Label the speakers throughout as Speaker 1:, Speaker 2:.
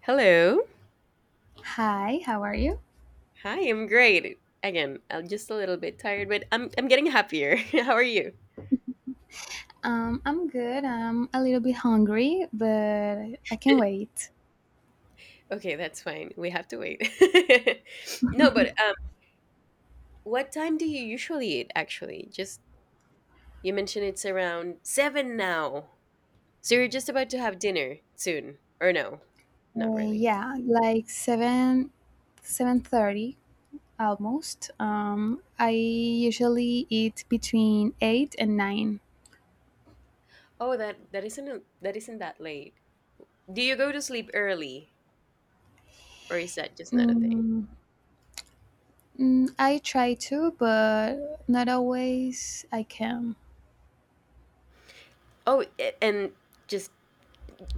Speaker 1: Hello.
Speaker 2: Hi, how are you?
Speaker 1: Hi, I'm great. Again, I'm just a little bit tired, but I'm getting happier. How are you?
Speaker 2: I'm good. I'm a little bit hungry, but I can wait.
Speaker 1: Okay, that's fine. We have to wait. No, but what time do you usually eat actually? Just you mentioned it's around 7 now. So you're just about to have dinner soon or no? Not really.
Speaker 2: Yeah, like seven, 7:30 almost. I usually eat between 8 and 9.
Speaker 1: Oh, that isn't that isn't that late. Do you go to sleep early or is that just not a thing?
Speaker 2: Mm, I try to, but not always I can.
Speaker 1: Oh, and just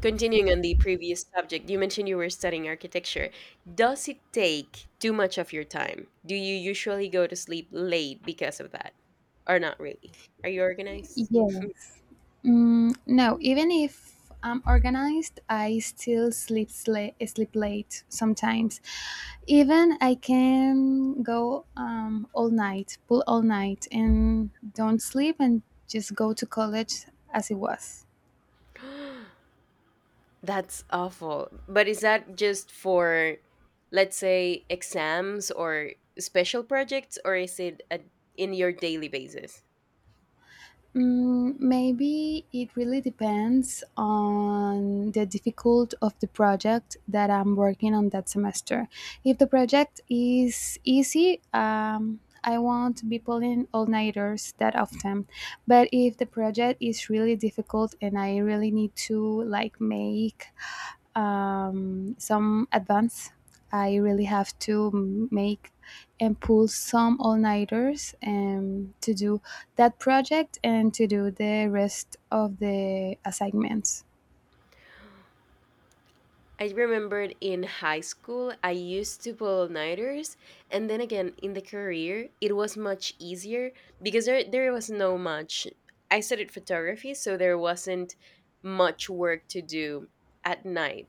Speaker 1: continuing on the previous subject, you mentioned you were studying architecture. Does it take too much of your time? Do you usually go to sleep late because of that? Or not really? Are you organized?
Speaker 2: Yes. No, even if I'm organized, I still sleep late sometimes. Even I can go all night, pull all night, and don't sleep and just go to college as it was.
Speaker 1: That's awful. But is that just for, let's say, exams or special projects, or is it in your daily basis?
Speaker 2: Maybe it really depends on the difficult of the project that I'm working on that semester. If the project is easy, I won't be pulling all nighters that often. But if the project is really difficult and I really need to like make some advance. I really have to make and pull some all nighters to do that project and to do the rest of the assignments.
Speaker 1: I remembered in high school, I used to pull all nighters. And then again, in the career, it was much easier because there was no much. I studied photography, so there wasn't much work to do at night.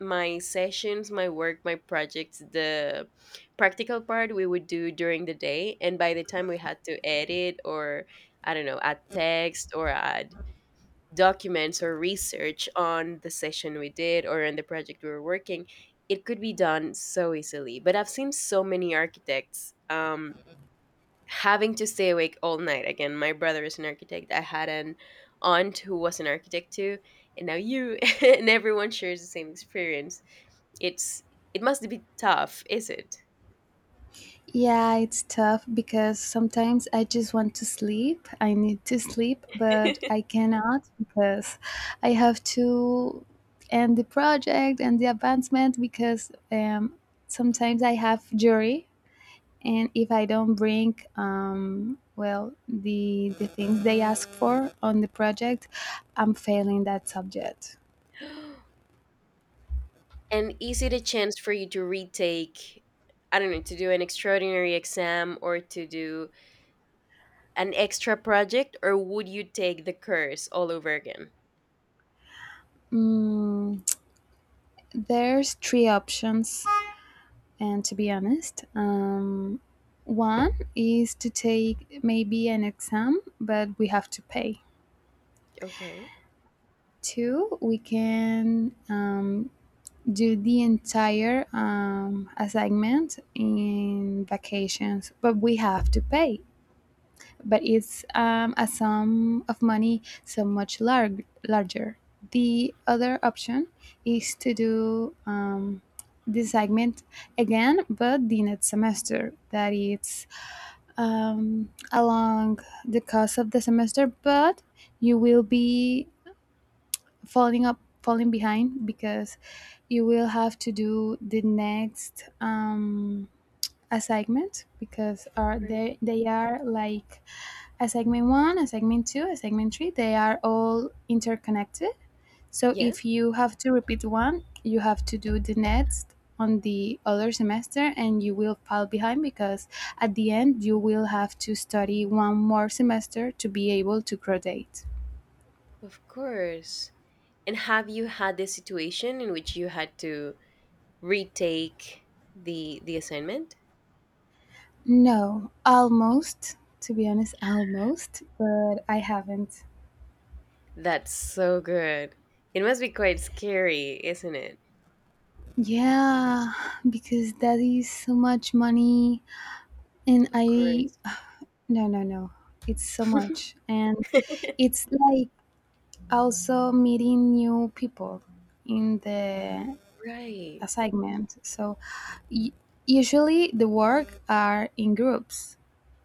Speaker 1: My sessions, my work, my projects, the practical part we would do during the day. And by the time we had to edit or, I don't know, add text or add documents or research on the session we did or on the project we were working, it could be done so easily. But I've seen so many architects, having to stay awake all night. Again, my brother is an architect, I had an aunt who was an architect too, and now you. And everyone shares the same experience. It's, it must be tough, is it?
Speaker 2: Yeah, it's tough because sometimes I just want to sleep. I need to sleep, but I cannot because I have to end the project and the advancement because sometimes I have jury, and if I don't bring well the things they ask for on the project, I'm failing that subject.
Speaker 1: And is it a chance for you to retake, I don't know, to do an extraordinary exam or to do an extra project, or would you take the course all over again?
Speaker 2: Mm, there's three options, and to be honest, one is to take maybe an exam, but we have to pay.
Speaker 1: Okay.
Speaker 2: Two, we can do the entire assignment in vacations, but we have to pay, but it's a sum of money so much larger. The other option is to do this segment again, but the next semester. That it's along the course of the semester, but you will be falling behind because you will have to do the next assignment because are
Speaker 1: Right.
Speaker 2: they are like a segment one, a segment two, a segment three, they are all interconnected. So
Speaker 1: Yeah,
Speaker 2: if you have to repeat one, you have to do the next on the other semester and you will fall behind because at the end you will have to study one more semester to be able to graduate.
Speaker 1: of course. And have you had the situation in which you had to retake the assignment?
Speaker 2: No, almost, to be honest, almost, but I haven't.
Speaker 1: That's so good. It must be quite scary, isn't it?
Speaker 2: Yeah, because that is so much money and
Speaker 1: Of
Speaker 2: I.
Speaker 1: course.
Speaker 2: No, no, no. It's so much. And it's like also meeting new people in the
Speaker 1: Right.
Speaker 2: assignment. So y- usually the work are in groups.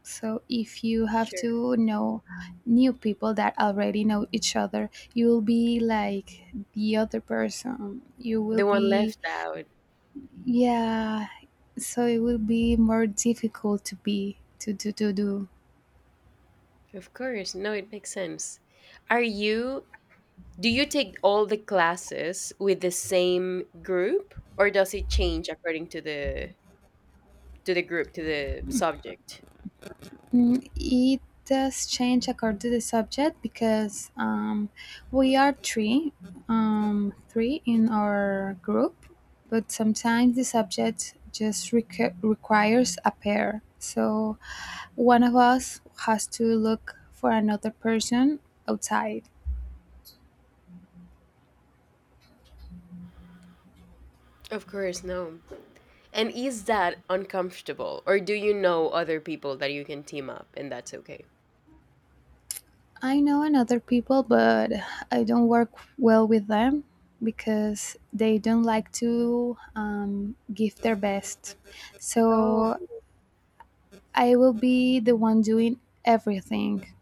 Speaker 2: So if you have
Speaker 1: Sure.
Speaker 2: to know new people that already know each other, you will be like the other person. You will
Speaker 1: The one
Speaker 2: be,
Speaker 1: left out.
Speaker 2: yeah, so it will be more difficult to be to do.
Speaker 1: Of course. No, it makes sense. Are you, do you take all the classes with the same group or does it change according to the group, to the subject?
Speaker 2: It does change according to the subject because we are three, three in our group, but sometimes the subject just requires a pair. So one of us has to look for another person outside.
Speaker 1: Of course, no. And is that uncomfortable or do you know other people that you can team up and that's okay?
Speaker 2: I know another people, but I don't work well with them because they don't like to give their best.
Speaker 1: Oh,
Speaker 2: So I will be the one doing everything.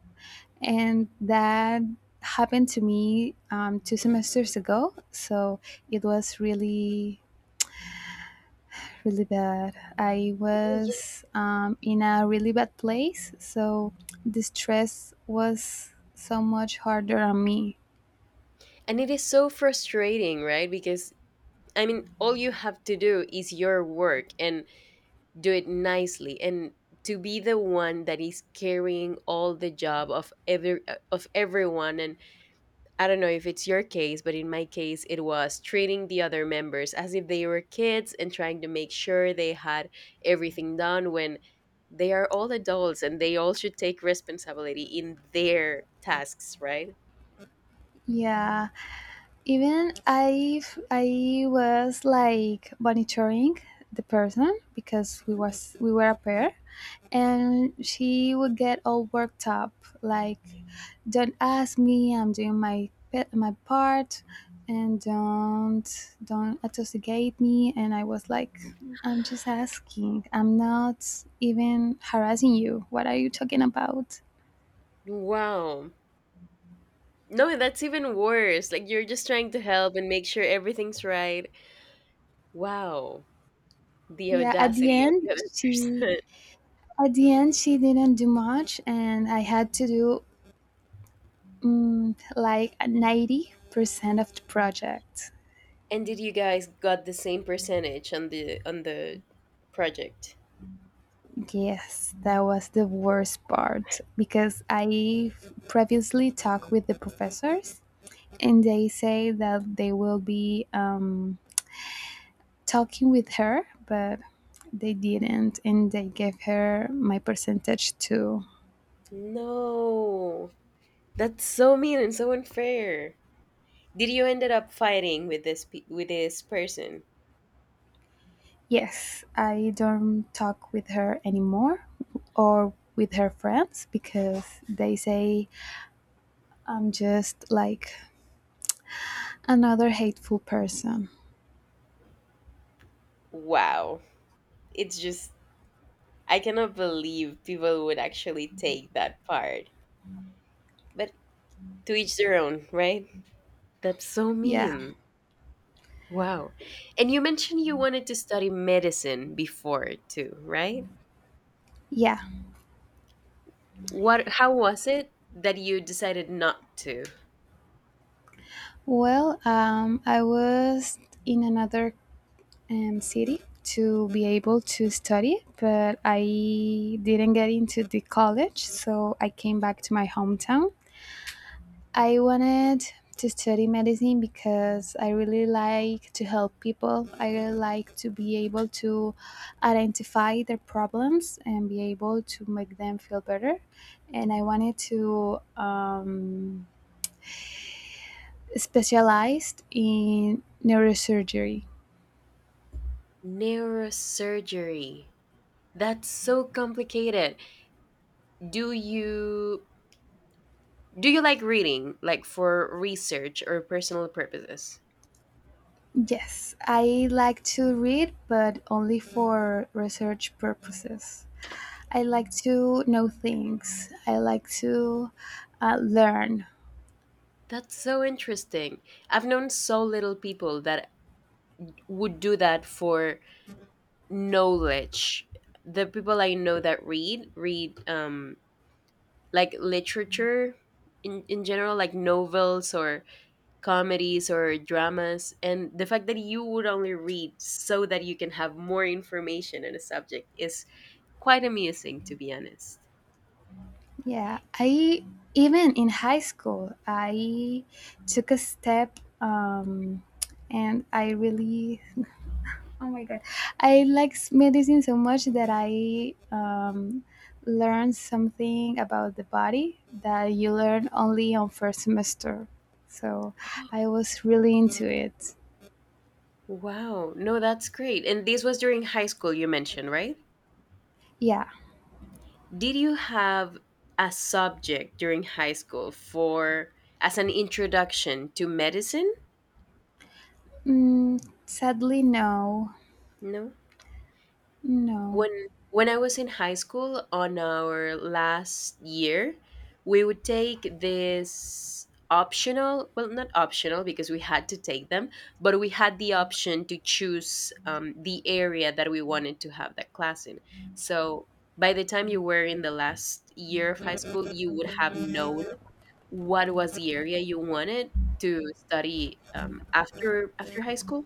Speaker 2: And that happened to me 2 semesters ago. So it was really, really bad. I
Speaker 1: no, yeah.
Speaker 2: was in a really bad place. So the stress was so much harder on me.
Speaker 1: And it is so frustrating, right? Because I mean, all you have to do is your work and do it nicely. And to be the one that is carrying all the job of every of everyone, and I don't know if it's your case, but in my case it was treating the other members as if they were kids and trying to make sure they had everything done when they are all adults and they all should take responsibility in their tasks, right?
Speaker 2: Yeah, even I was like monitoring the person because we were a pair, and she would get all worked up, like, don't ask me, I'm doing my my part, and don't associate me. And I was like, I'm just asking, I'm not even harassing you. What are you talking about?
Speaker 1: Wow. No, that's even worse. Like, you're just trying to help and make sure everything's right. Wow. The
Speaker 2: Yeah, at the
Speaker 1: audacity of
Speaker 2: end
Speaker 1: the other
Speaker 2: she
Speaker 1: person.
Speaker 2: at the end she didn't do much and I had to do like 90% of the project.
Speaker 1: And did you guys got the same percentage on the project?
Speaker 2: Yes, that was the worst part because I previously talked with the professors and they say that they will be talking with her, but they didn't and they gave her my percentage too.
Speaker 1: No. That's so mean and so unfair. Did you ended up fighting with this with this person?
Speaker 2: Yes, I don't talk with her anymore or with her friends because they say I'm just like another hateful person.
Speaker 1: Wow. It's just, I cannot believe people would actually take that part. But to each their own, right? That's so
Speaker 2: Yeah,
Speaker 1: mean. Wow. And you mentioned you wanted to study medicine before too, right?
Speaker 2: yeah.
Speaker 1: What? How was it that you decided not to?
Speaker 2: Well, I was in another city to be able to study, but I didn't get into the college, so I came back to my hometown. I wanted to study medicine because I really like to help people. I really like to be able to identify their problems and be able to make them feel better. And I wanted to specialize in neurosurgery.
Speaker 1: Neurosurgery. That's so complicated. Do you, do you like reading, like for research or personal purposes?
Speaker 2: Yes, I like to read, but only for research purposes. I like to know things. I like to learn.
Speaker 1: That's so interesting. I've known so little people that would do that for knowledge. The people I know that read like literature in general, like novels or comedies or dramas. And the fact that you would only read so that you can have more information on a subject is quite amusing, to be honest.
Speaker 2: Yeah, I even in high school, I took a step um, and I really. Oh my God, I like medicine so much that I learned something about the body that you learn only on first semester. So I was really into it.
Speaker 1: Wow. No, that's great. And this was during high school, you mentioned, right?
Speaker 2: Yeah.
Speaker 1: Did you have a subject during high school for, as an introduction to medicine?
Speaker 2: Sadly, no.
Speaker 1: No.
Speaker 2: No,
Speaker 1: When when I was in high school on our last year, we would take this optional, well, not optional because we had to take them, but we had the option to choose the area that we wanted to have that class in. So by the time you were in the last year of high school you would have known what was the area you wanted to study, after after high school.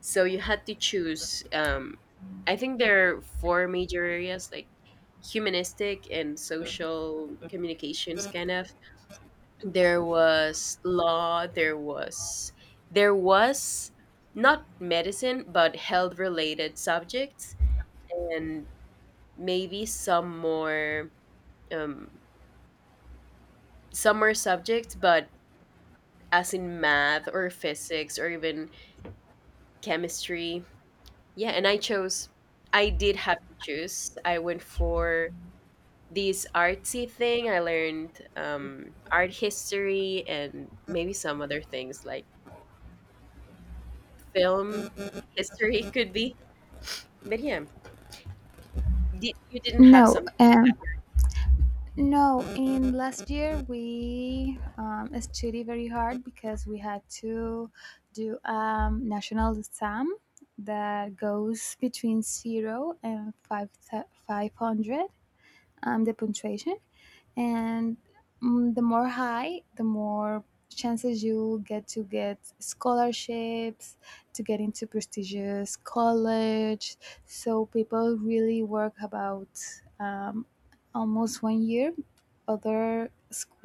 Speaker 1: So you had to choose. I think there are four major areas, like humanistic and social communications kind of. There was law, there was, there was not medicine but health related subjects, and maybe some more, um, some more subjects, but as in math or physics or even chemistry. Yeah, and I chose, I did have to choose. I went for this artsy thing. I learned art history and maybe some other things like film history. Could be. But yeah, you didn't have
Speaker 2: no.
Speaker 1: something.
Speaker 2: No, in last year we studied very hard because we had to do national exam that goes between zero and five five hundred, the punctuation, and the more high the more chances you get to get scholarships to get into prestigious college, so people really work about um, almost 1 year, other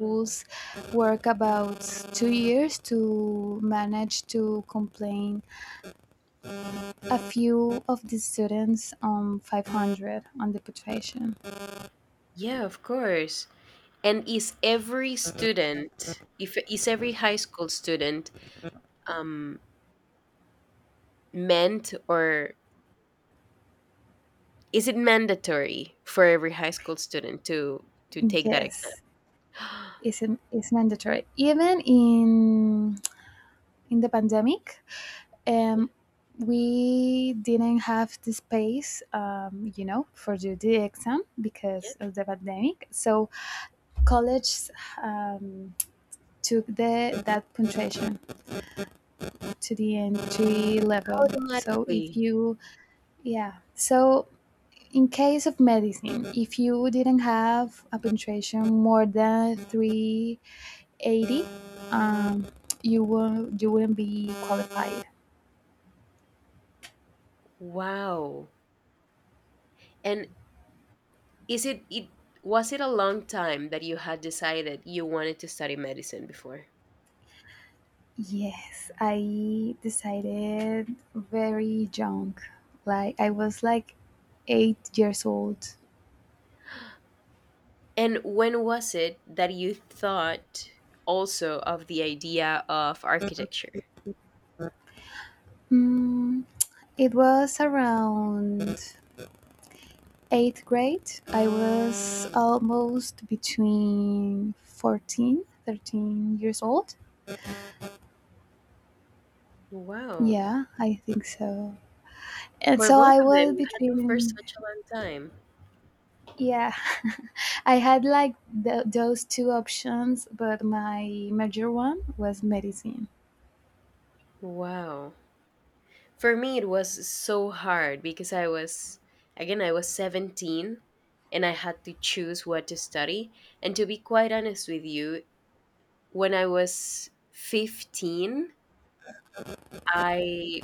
Speaker 1: Oh.
Speaker 2: work about 2 years to manage to complain a few of the students on 500 on the punctuation.
Speaker 1: Yeah, of course. And is every student, if is every high school student um, meant or, is it mandatory for every high school student to take that exam?
Speaker 2: Yes, is mandatory. Even in the pandemic,
Speaker 1: Yeah,
Speaker 2: um, we didn't have the space, for the exam
Speaker 1: yeah,
Speaker 2: because of the pandemic. So college um, took the that punctuation to the entry level. So
Speaker 1: automatically.
Speaker 2: if you, yeah, so. In case of medicine, if you didn't have a punctuation more than 380, um, you wouldn't be qualified.
Speaker 1: Wow. And is it it, was it a long time that you had decided you wanted to study medicine before?
Speaker 2: Yes, I decided very young. Like I was like 8 years old.
Speaker 1: And when was it that you thought also of the idea of architecture?
Speaker 2: Mm, it was around eighth grade. I was almost between 14, 13 years old.
Speaker 1: Wow.
Speaker 2: Yeah, I think so. And
Speaker 1: For
Speaker 2: so
Speaker 1: both
Speaker 2: I
Speaker 1: of
Speaker 2: was
Speaker 1: them, you had them for
Speaker 2: between.
Speaker 1: such a long time.
Speaker 2: Yeah, I had like th those two options, but my major one was medicine.
Speaker 1: Wow. For me, it was so hard because I was, again, I was 17 and I had to choose what to study. And to be quite honest with you, when I was 15, I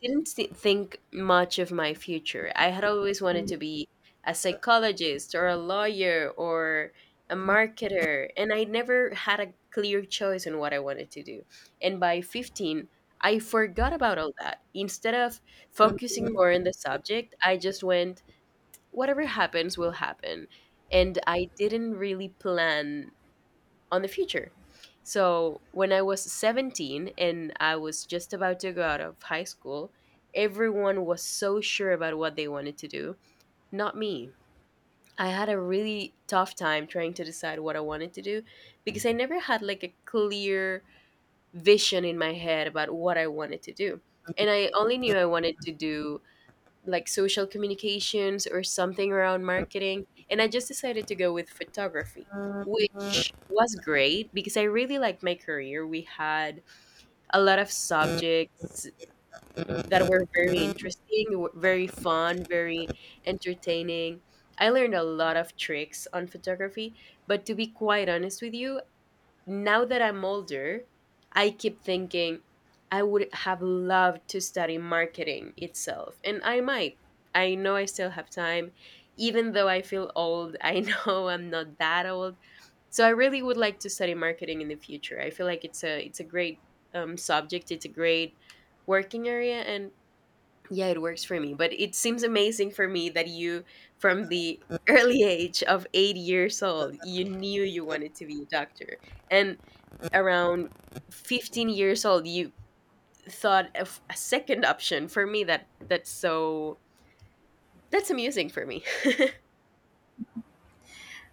Speaker 1: didn't thi- think much of my future. I had always wanted to be a psychologist or a lawyer or a marketer, and I never had a clear choice on what I wanted to do. And by 15, I forgot about all that. Instead of focusing more on the subject, I just went, whatever happens will happen. And I didn't really plan on the future. So when I was 17 and I was just about to go out of high school, everyone was so sure about what they wanted to do, not me. I had a really tough time trying to decide what I wanted to do because I never had like a clear vision in my head about what I wanted to do. And I only knew I wanted to do like social communications or something around marketing. And I just decided to go with photography, which was great because I really liked my career. We had a lot of subjects that were very interesting, very fun, very entertaining. I learned a lot of tricks on photography, but to be quite honest with you, now that I'm older, I keep thinking I would have loved to study marketing itself. And I might. I know I still have time. Even though I feel old, I know I'm not that old. So I really would like to study marketing in the future. I feel like it's a, it's a great subject. It's a great working area, and yeah, it works for me. But it seems amazing for me that you, from the early age of 8 years old, you knew you wanted to be a doctor. And around 15 years old, you thought of a second option. For me that, that's so, that's amusing for me.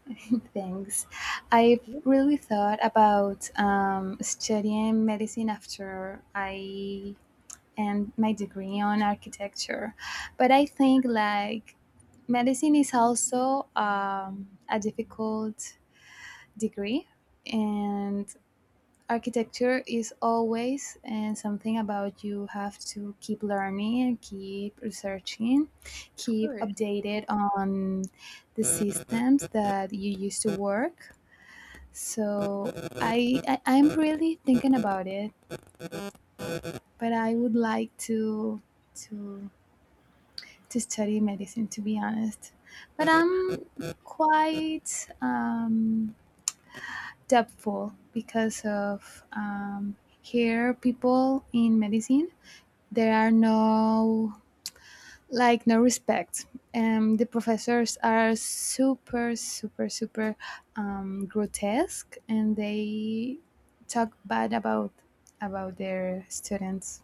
Speaker 2: Thanks. I've
Speaker 1: Of
Speaker 2: really thought about studying medicine after I end my degree on architecture, but I think like medicine is also a difficult degree, and architecture is always and something about you have to keep learning and keep researching, keep
Speaker 1: course.
Speaker 2: updated on the systems that you used to work. So I'm really thinking about it, but I would like to to study medicine, to be honest, but I'm quite doubtful because of here people in medicine. There are no, like, no respect. The professors are super, super, super grotesque, and they talk bad about their students.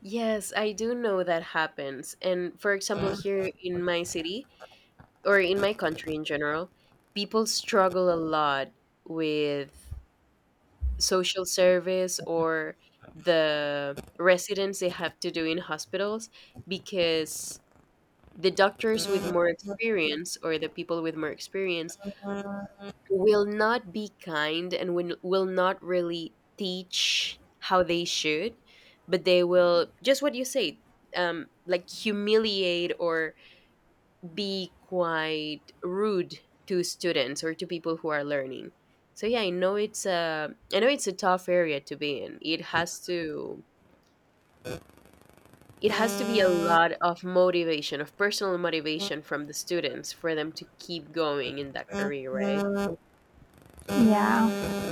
Speaker 1: Yes, I do know that happens. And for example, here in my city or in my country in general, people struggle a lot with social service or the residents they have to do in hospitals, because the doctors with more experience or the people with more experience will not be kind and will not really teach how they should, but they will just, what you say, like humiliate or be quite rude to students or to people who are learning. So yeah, I know it's a, I know it's a tough area to be in. It has to, it has to be a lot of motivation, of personal motivation from the students for them to keep going in that career, right?
Speaker 2: Yeah,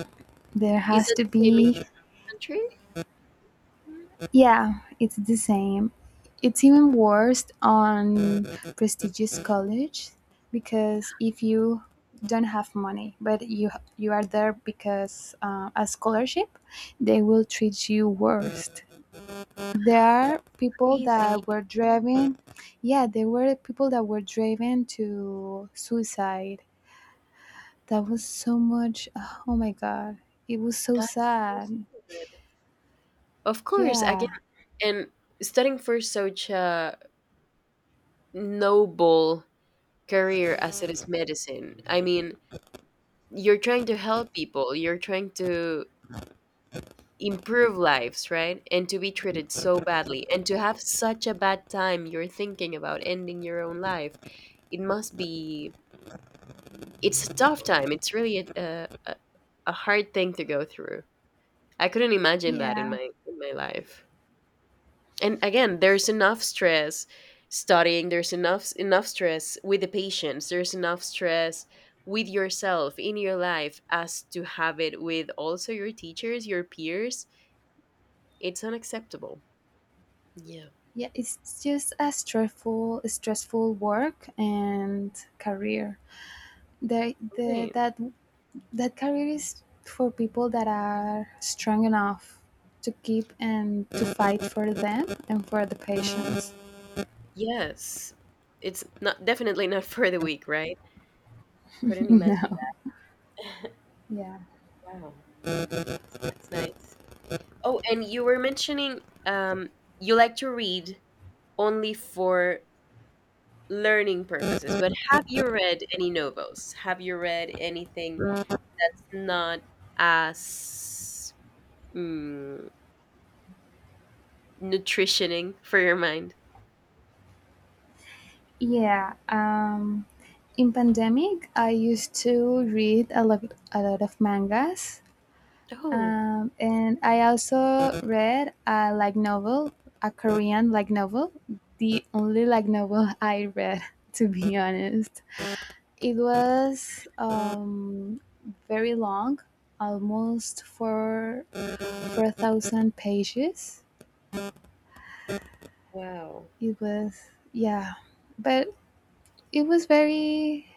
Speaker 2: there
Speaker 1: Is
Speaker 2: has
Speaker 1: that
Speaker 2: to
Speaker 1: the same
Speaker 2: be.
Speaker 1: issue in your country?
Speaker 2: Yeah, it's the same. It's even worse on prestigious college because if you don't have money, but you are there because a scholarship, they will treat you worst. There are
Speaker 1: That's
Speaker 2: people that
Speaker 1: crazy.
Speaker 2: were driven, yeah, there were people that were driven to suicide. That was so much. Oh my God, it was so
Speaker 1: That's so
Speaker 2: sad.
Speaker 1: sad. Of course, again,
Speaker 2: Yeah,
Speaker 1: and studying for such a noble career as it is medicine. I mean, you're trying to help people, you're trying to improve lives, right? And to be treated so badly, and to have such a bad time you're thinking about ending your own life. It must be, it's a tough time. It's really a hard thing to go through. I couldn't imagine that
Speaker 2: yeah.
Speaker 1: in my life. And again, there's enough stress studying, there's enough stress with the patients, there's enough stress with yourself in your life as to have it with also your teachers, your peers. It's unacceptable. Yeah.
Speaker 2: Yeah, it's just a stressful, stressful work and career. The,
Speaker 1: Right.
Speaker 2: that that career is for people that are strong enough to keep and to fight for them and for the patients.
Speaker 1: Yes, it's not, definitely not, for the weak, right? Couldn't imagine
Speaker 2: No,
Speaker 1: that.
Speaker 2: yeah,
Speaker 1: Wow. Okay, so that's nice. Oh, and you were mentioning um you like to read only for learning purposes. But have you read any novels? Have you read anything that's not as mm, nutritioning for your mind?
Speaker 2: yeah. In pandemic, I used to read a lot of mangas.
Speaker 1: Oh,
Speaker 2: And I also read a like novel, a Korean like novel, the only like novel I read to be honest. It was very long, almost four four thousand pages.
Speaker 1: wow.
Speaker 2: It was, yeah, but it was very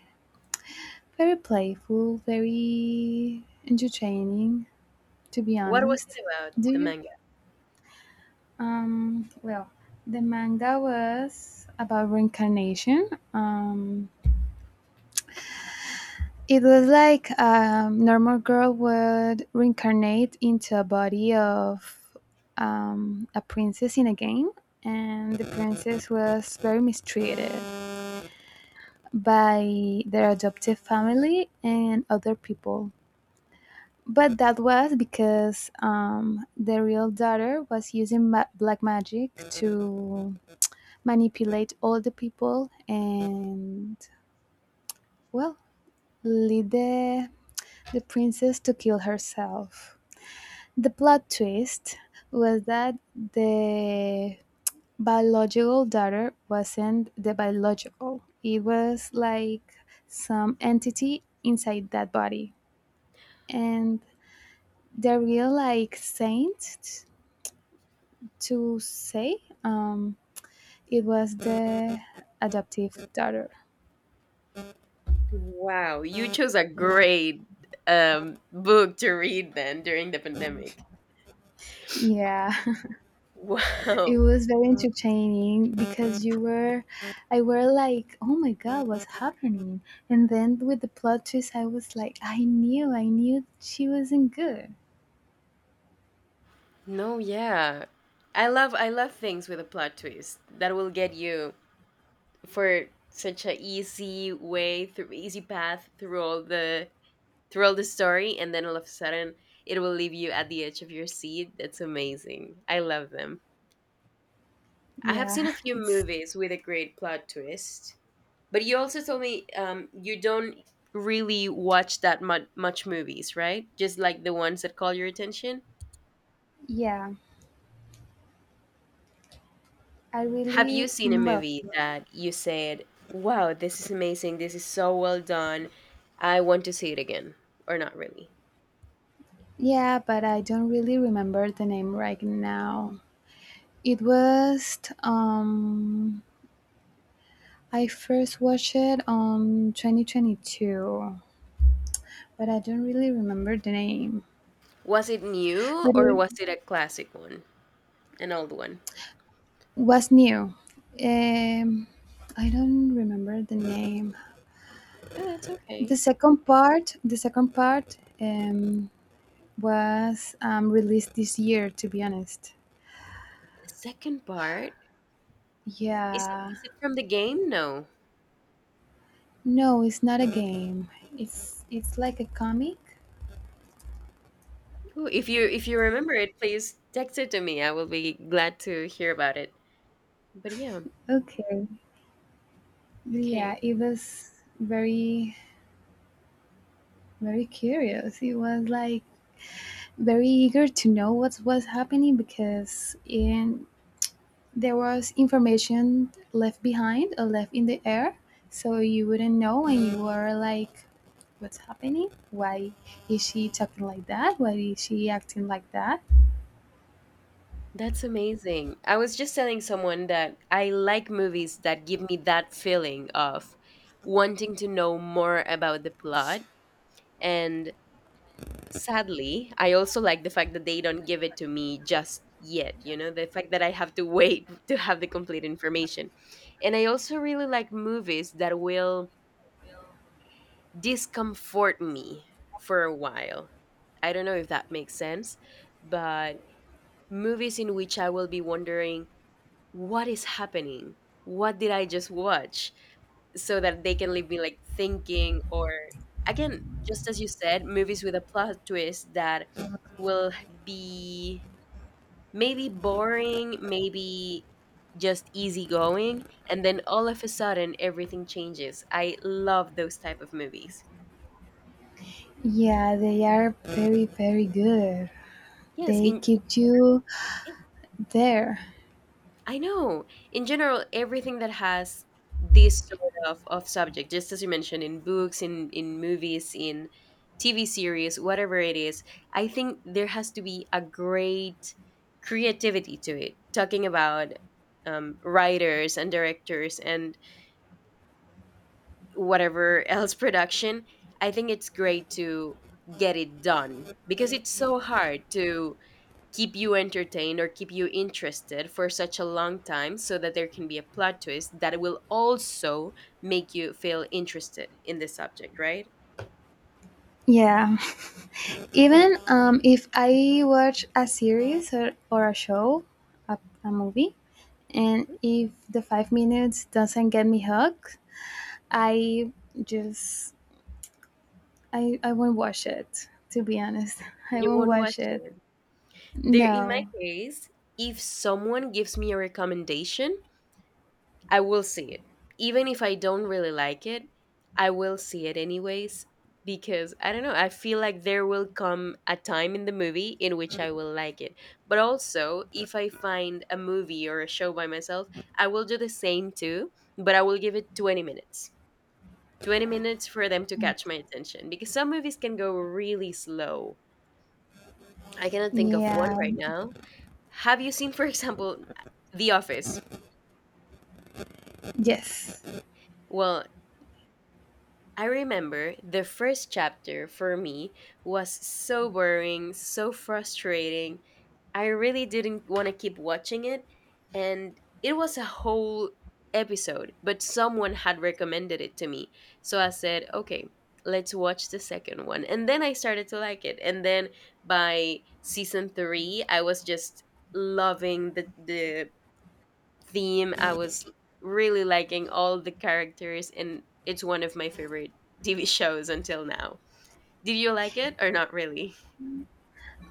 Speaker 2: very playful, very entertaining, to be
Speaker 1: What was
Speaker 2: honest.
Speaker 1: it about
Speaker 2: Do
Speaker 1: the
Speaker 2: you
Speaker 1: manga?
Speaker 2: Well, the manga was about reincarnation. It was like a normal girl would reincarnate into a body of a princess in a game, and the princess was very mistreated by their adoptive family and other people. But that was because the real daughter was using black magic to manipulate all the people and, well, lead the princess to kill herself. The plot twist was that the biological daughter wasn't the biological. It was like some entity inside that body. And the real like saint to say, it was the adoptive daughter.
Speaker 1: Wow, you chose a great book to read then during the pandemic.
Speaker 2: Yeah, it
Speaker 1: Wow.
Speaker 2: was very entertaining because you were, I were like, oh my God, what's happening? And then with the plot twist, I was like, I knew she wasn't good.
Speaker 1: No, yeah. I love things with a plot twist that will get you, for such a easy way through, easy path through all the story, and then all of a sudden it will leave you at the edge of your seat. That's amazing, I love them. I have
Speaker 2: Yeah,
Speaker 1: seen a few
Speaker 2: it's,
Speaker 1: movies with a great plot twist, but you also told me you don't really watch that much movies, right? Just like the ones that call your attention.
Speaker 2: yeah, I
Speaker 1: Have you
Speaker 2: really,
Speaker 1: seen a
Speaker 2: well,
Speaker 1: movie that you said, wow, this is amazing, this is so well done, I want to see it again? Or not really?
Speaker 2: yeah, but I don't really remember the name right now. It was, I first watched it on 2022, but I don't really remember the name.
Speaker 1: Was it new
Speaker 2: But
Speaker 1: or
Speaker 2: it,
Speaker 1: was it a classic one? An old one?
Speaker 2: was new. Um, I don't remember the name.
Speaker 1: Yeah, that's okay.
Speaker 2: The second part, was released this year. To be honest,
Speaker 1: The second part, is it
Speaker 2: yeah.
Speaker 1: is it from the game? No.
Speaker 2: No, it's not a game. It's like a comic.
Speaker 1: Ooh, if you remember it, please text it to me. I will be glad to hear about it. But yeah,
Speaker 2: Okay. Yeah,
Speaker 1: okay.
Speaker 2: it was very very curious. It was like very eager to know what was happening because in there was information left behind or left in the air, so you wouldn't know and you were like, what's happening? Why is she talking like that? Why is she acting like that?
Speaker 1: That's amazing. I was just telling someone that I like movies that give me that feeling of wanting to know more about the plot, and sadly, I also like the fact that they don't give it to me just yet, the fact that I have to wait to have the complete information. And I also really like movies that will discomfort me for a while. I don't know if that makes sense, but movies in which I will be wondering, what is happening? What did I just watch? So that they can leave me like thinking, or, again, just as you said, movies with a plot twist that will be maybe boring, maybe just easygoing, and then all of a sudden everything changes. I love those type of movies.
Speaker 2: Yeah, they are very very good.
Speaker 1: Yes.
Speaker 2: They
Speaker 1: In,
Speaker 2: keep you there.
Speaker 1: I know. In general, everything that has this sort of subject, just as you mentioned, in books, in movies, in TV series, whatever it is, I think there has to be a great creativity to it, talking about writers and directors and whatever else production. I think it's great to get it done, because it's so hard to keep you entertained or keep you interested for such a long time so that there can be a plot twist that will also make you feel interested in the subject, right?
Speaker 2: Yeah,
Speaker 1: Oh.
Speaker 2: even if I watch a series or a show, a movie, and
Speaker 1: Mhm.
Speaker 2: if the 5 minutes doesn't get me hooked, I just, I won't watch it. To be honest, I
Speaker 1: You
Speaker 2: won't
Speaker 1: won't
Speaker 2: watch
Speaker 1: watch
Speaker 2: it.
Speaker 1: it. There, in my
Speaker 2: No.
Speaker 1: case, if someone gives me a recommendation, I will see it. Even if I don't really like it, I will see it anyways, because I don't know, I feel like there will come a time in the movie in which I will like it. But also, if I find a movie or a show by myself, I will do the same too, but I will give it 20 minutes. 20 minutes for them to catch my attention, because some movies can go really slow. I cannot think of one
Speaker 2: Yeah.
Speaker 1: right now. Have you seen, for example, The Office?
Speaker 2: Yes.
Speaker 1: Well, I remember the first chapter for me was so boring, so frustrating. I really didn't want to keep watching it, and it was a whole episode, but someone had recommended it to me. So I said, okay, let's watch the second one. And then I started to like it. And then by season three, I was just loving the theme. I was really liking all the characters, and it's one of my favorite TV shows until now. Did you like it or not really?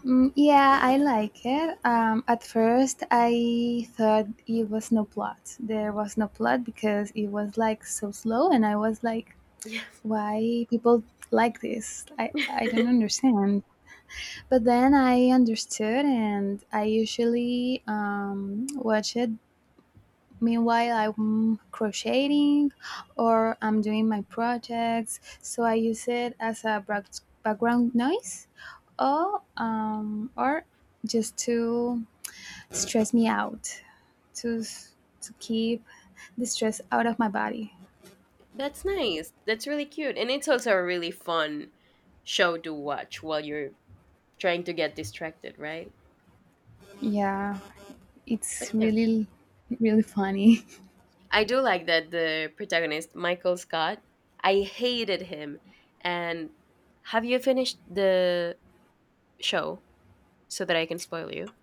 Speaker 2: Yeah, I like it. At first, I thought it was no plot. There was no plot because it was like so slow, and I was like,
Speaker 1: Yes.
Speaker 2: why people like this? I don't understand. But then I understood, and I usually watch it. Meanwhile, I'm crocheting or I'm doing my projects, so I use it as a background noise, or just to stress me out, to keep the stress out of my body.
Speaker 1: That's nice. That's really cute. And it's also a really fun show to watch while you're trying to get distracted, right?
Speaker 2: Yeah,
Speaker 1: But
Speaker 2: it's
Speaker 1: yeah,
Speaker 2: really, really funny.
Speaker 1: I do like that the protagonist, Michael Scott, I hated him. And have you finished the show so that I can spoil you?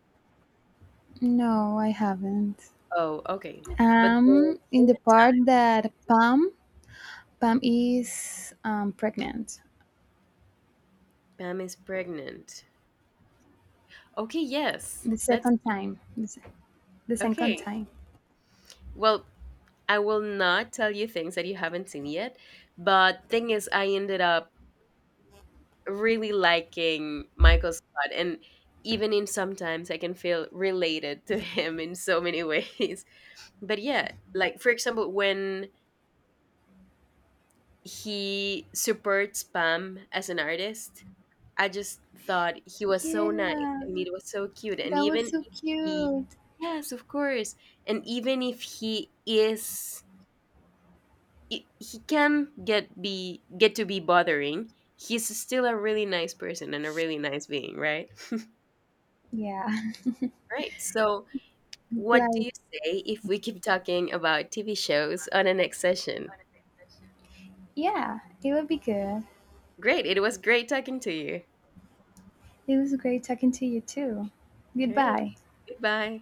Speaker 2: No, I haven't.
Speaker 1: Oh, okay. But there
Speaker 2: In
Speaker 1: came
Speaker 2: the
Speaker 1: a,
Speaker 2: part that Pam is pregnant
Speaker 1: Pam is pregnant. Okay, yes.
Speaker 2: the
Speaker 1: That's
Speaker 2: second
Speaker 1: cute.
Speaker 2: time. The second
Speaker 1: Okay.
Speaker 2: time.
Speaker 1: Well, I will not tell you things that you haven't seen yet, but thing is I ended up really liking Michael Scott, and even in sometimes I can feel related to him in so many ways. But yeah, like for example, when he supports Pam as an artist, I just thought he was so nice
Speaker 2: Yeah,
Speaker 1: and it was so cute. And
Speaker 2: that was
Speaker 1: even
Speaker 2: so
Speaker 1: if he,
Speaker 2: cute.
Speaker 1: yes, of course. And even if he is, he can get be get to be bothering. He's still a really nice person and a really nice being, right?
Speaker 2: Yeah.
Speaker 1: Right. So,
Speaker 2: It's
Speaker 1: what do
Speaker 2: like,
Speaker 1: you say if we keep talking about TV shows on the next session?
Speaker 2: yeah, it will be good.
Speaker 1: Great. It was great talking to you.
Speaker 2: It was great talking to you too.
Speaker 1: All right.
Speaker 2: Goodbye.
Speaker 1: Goodbye.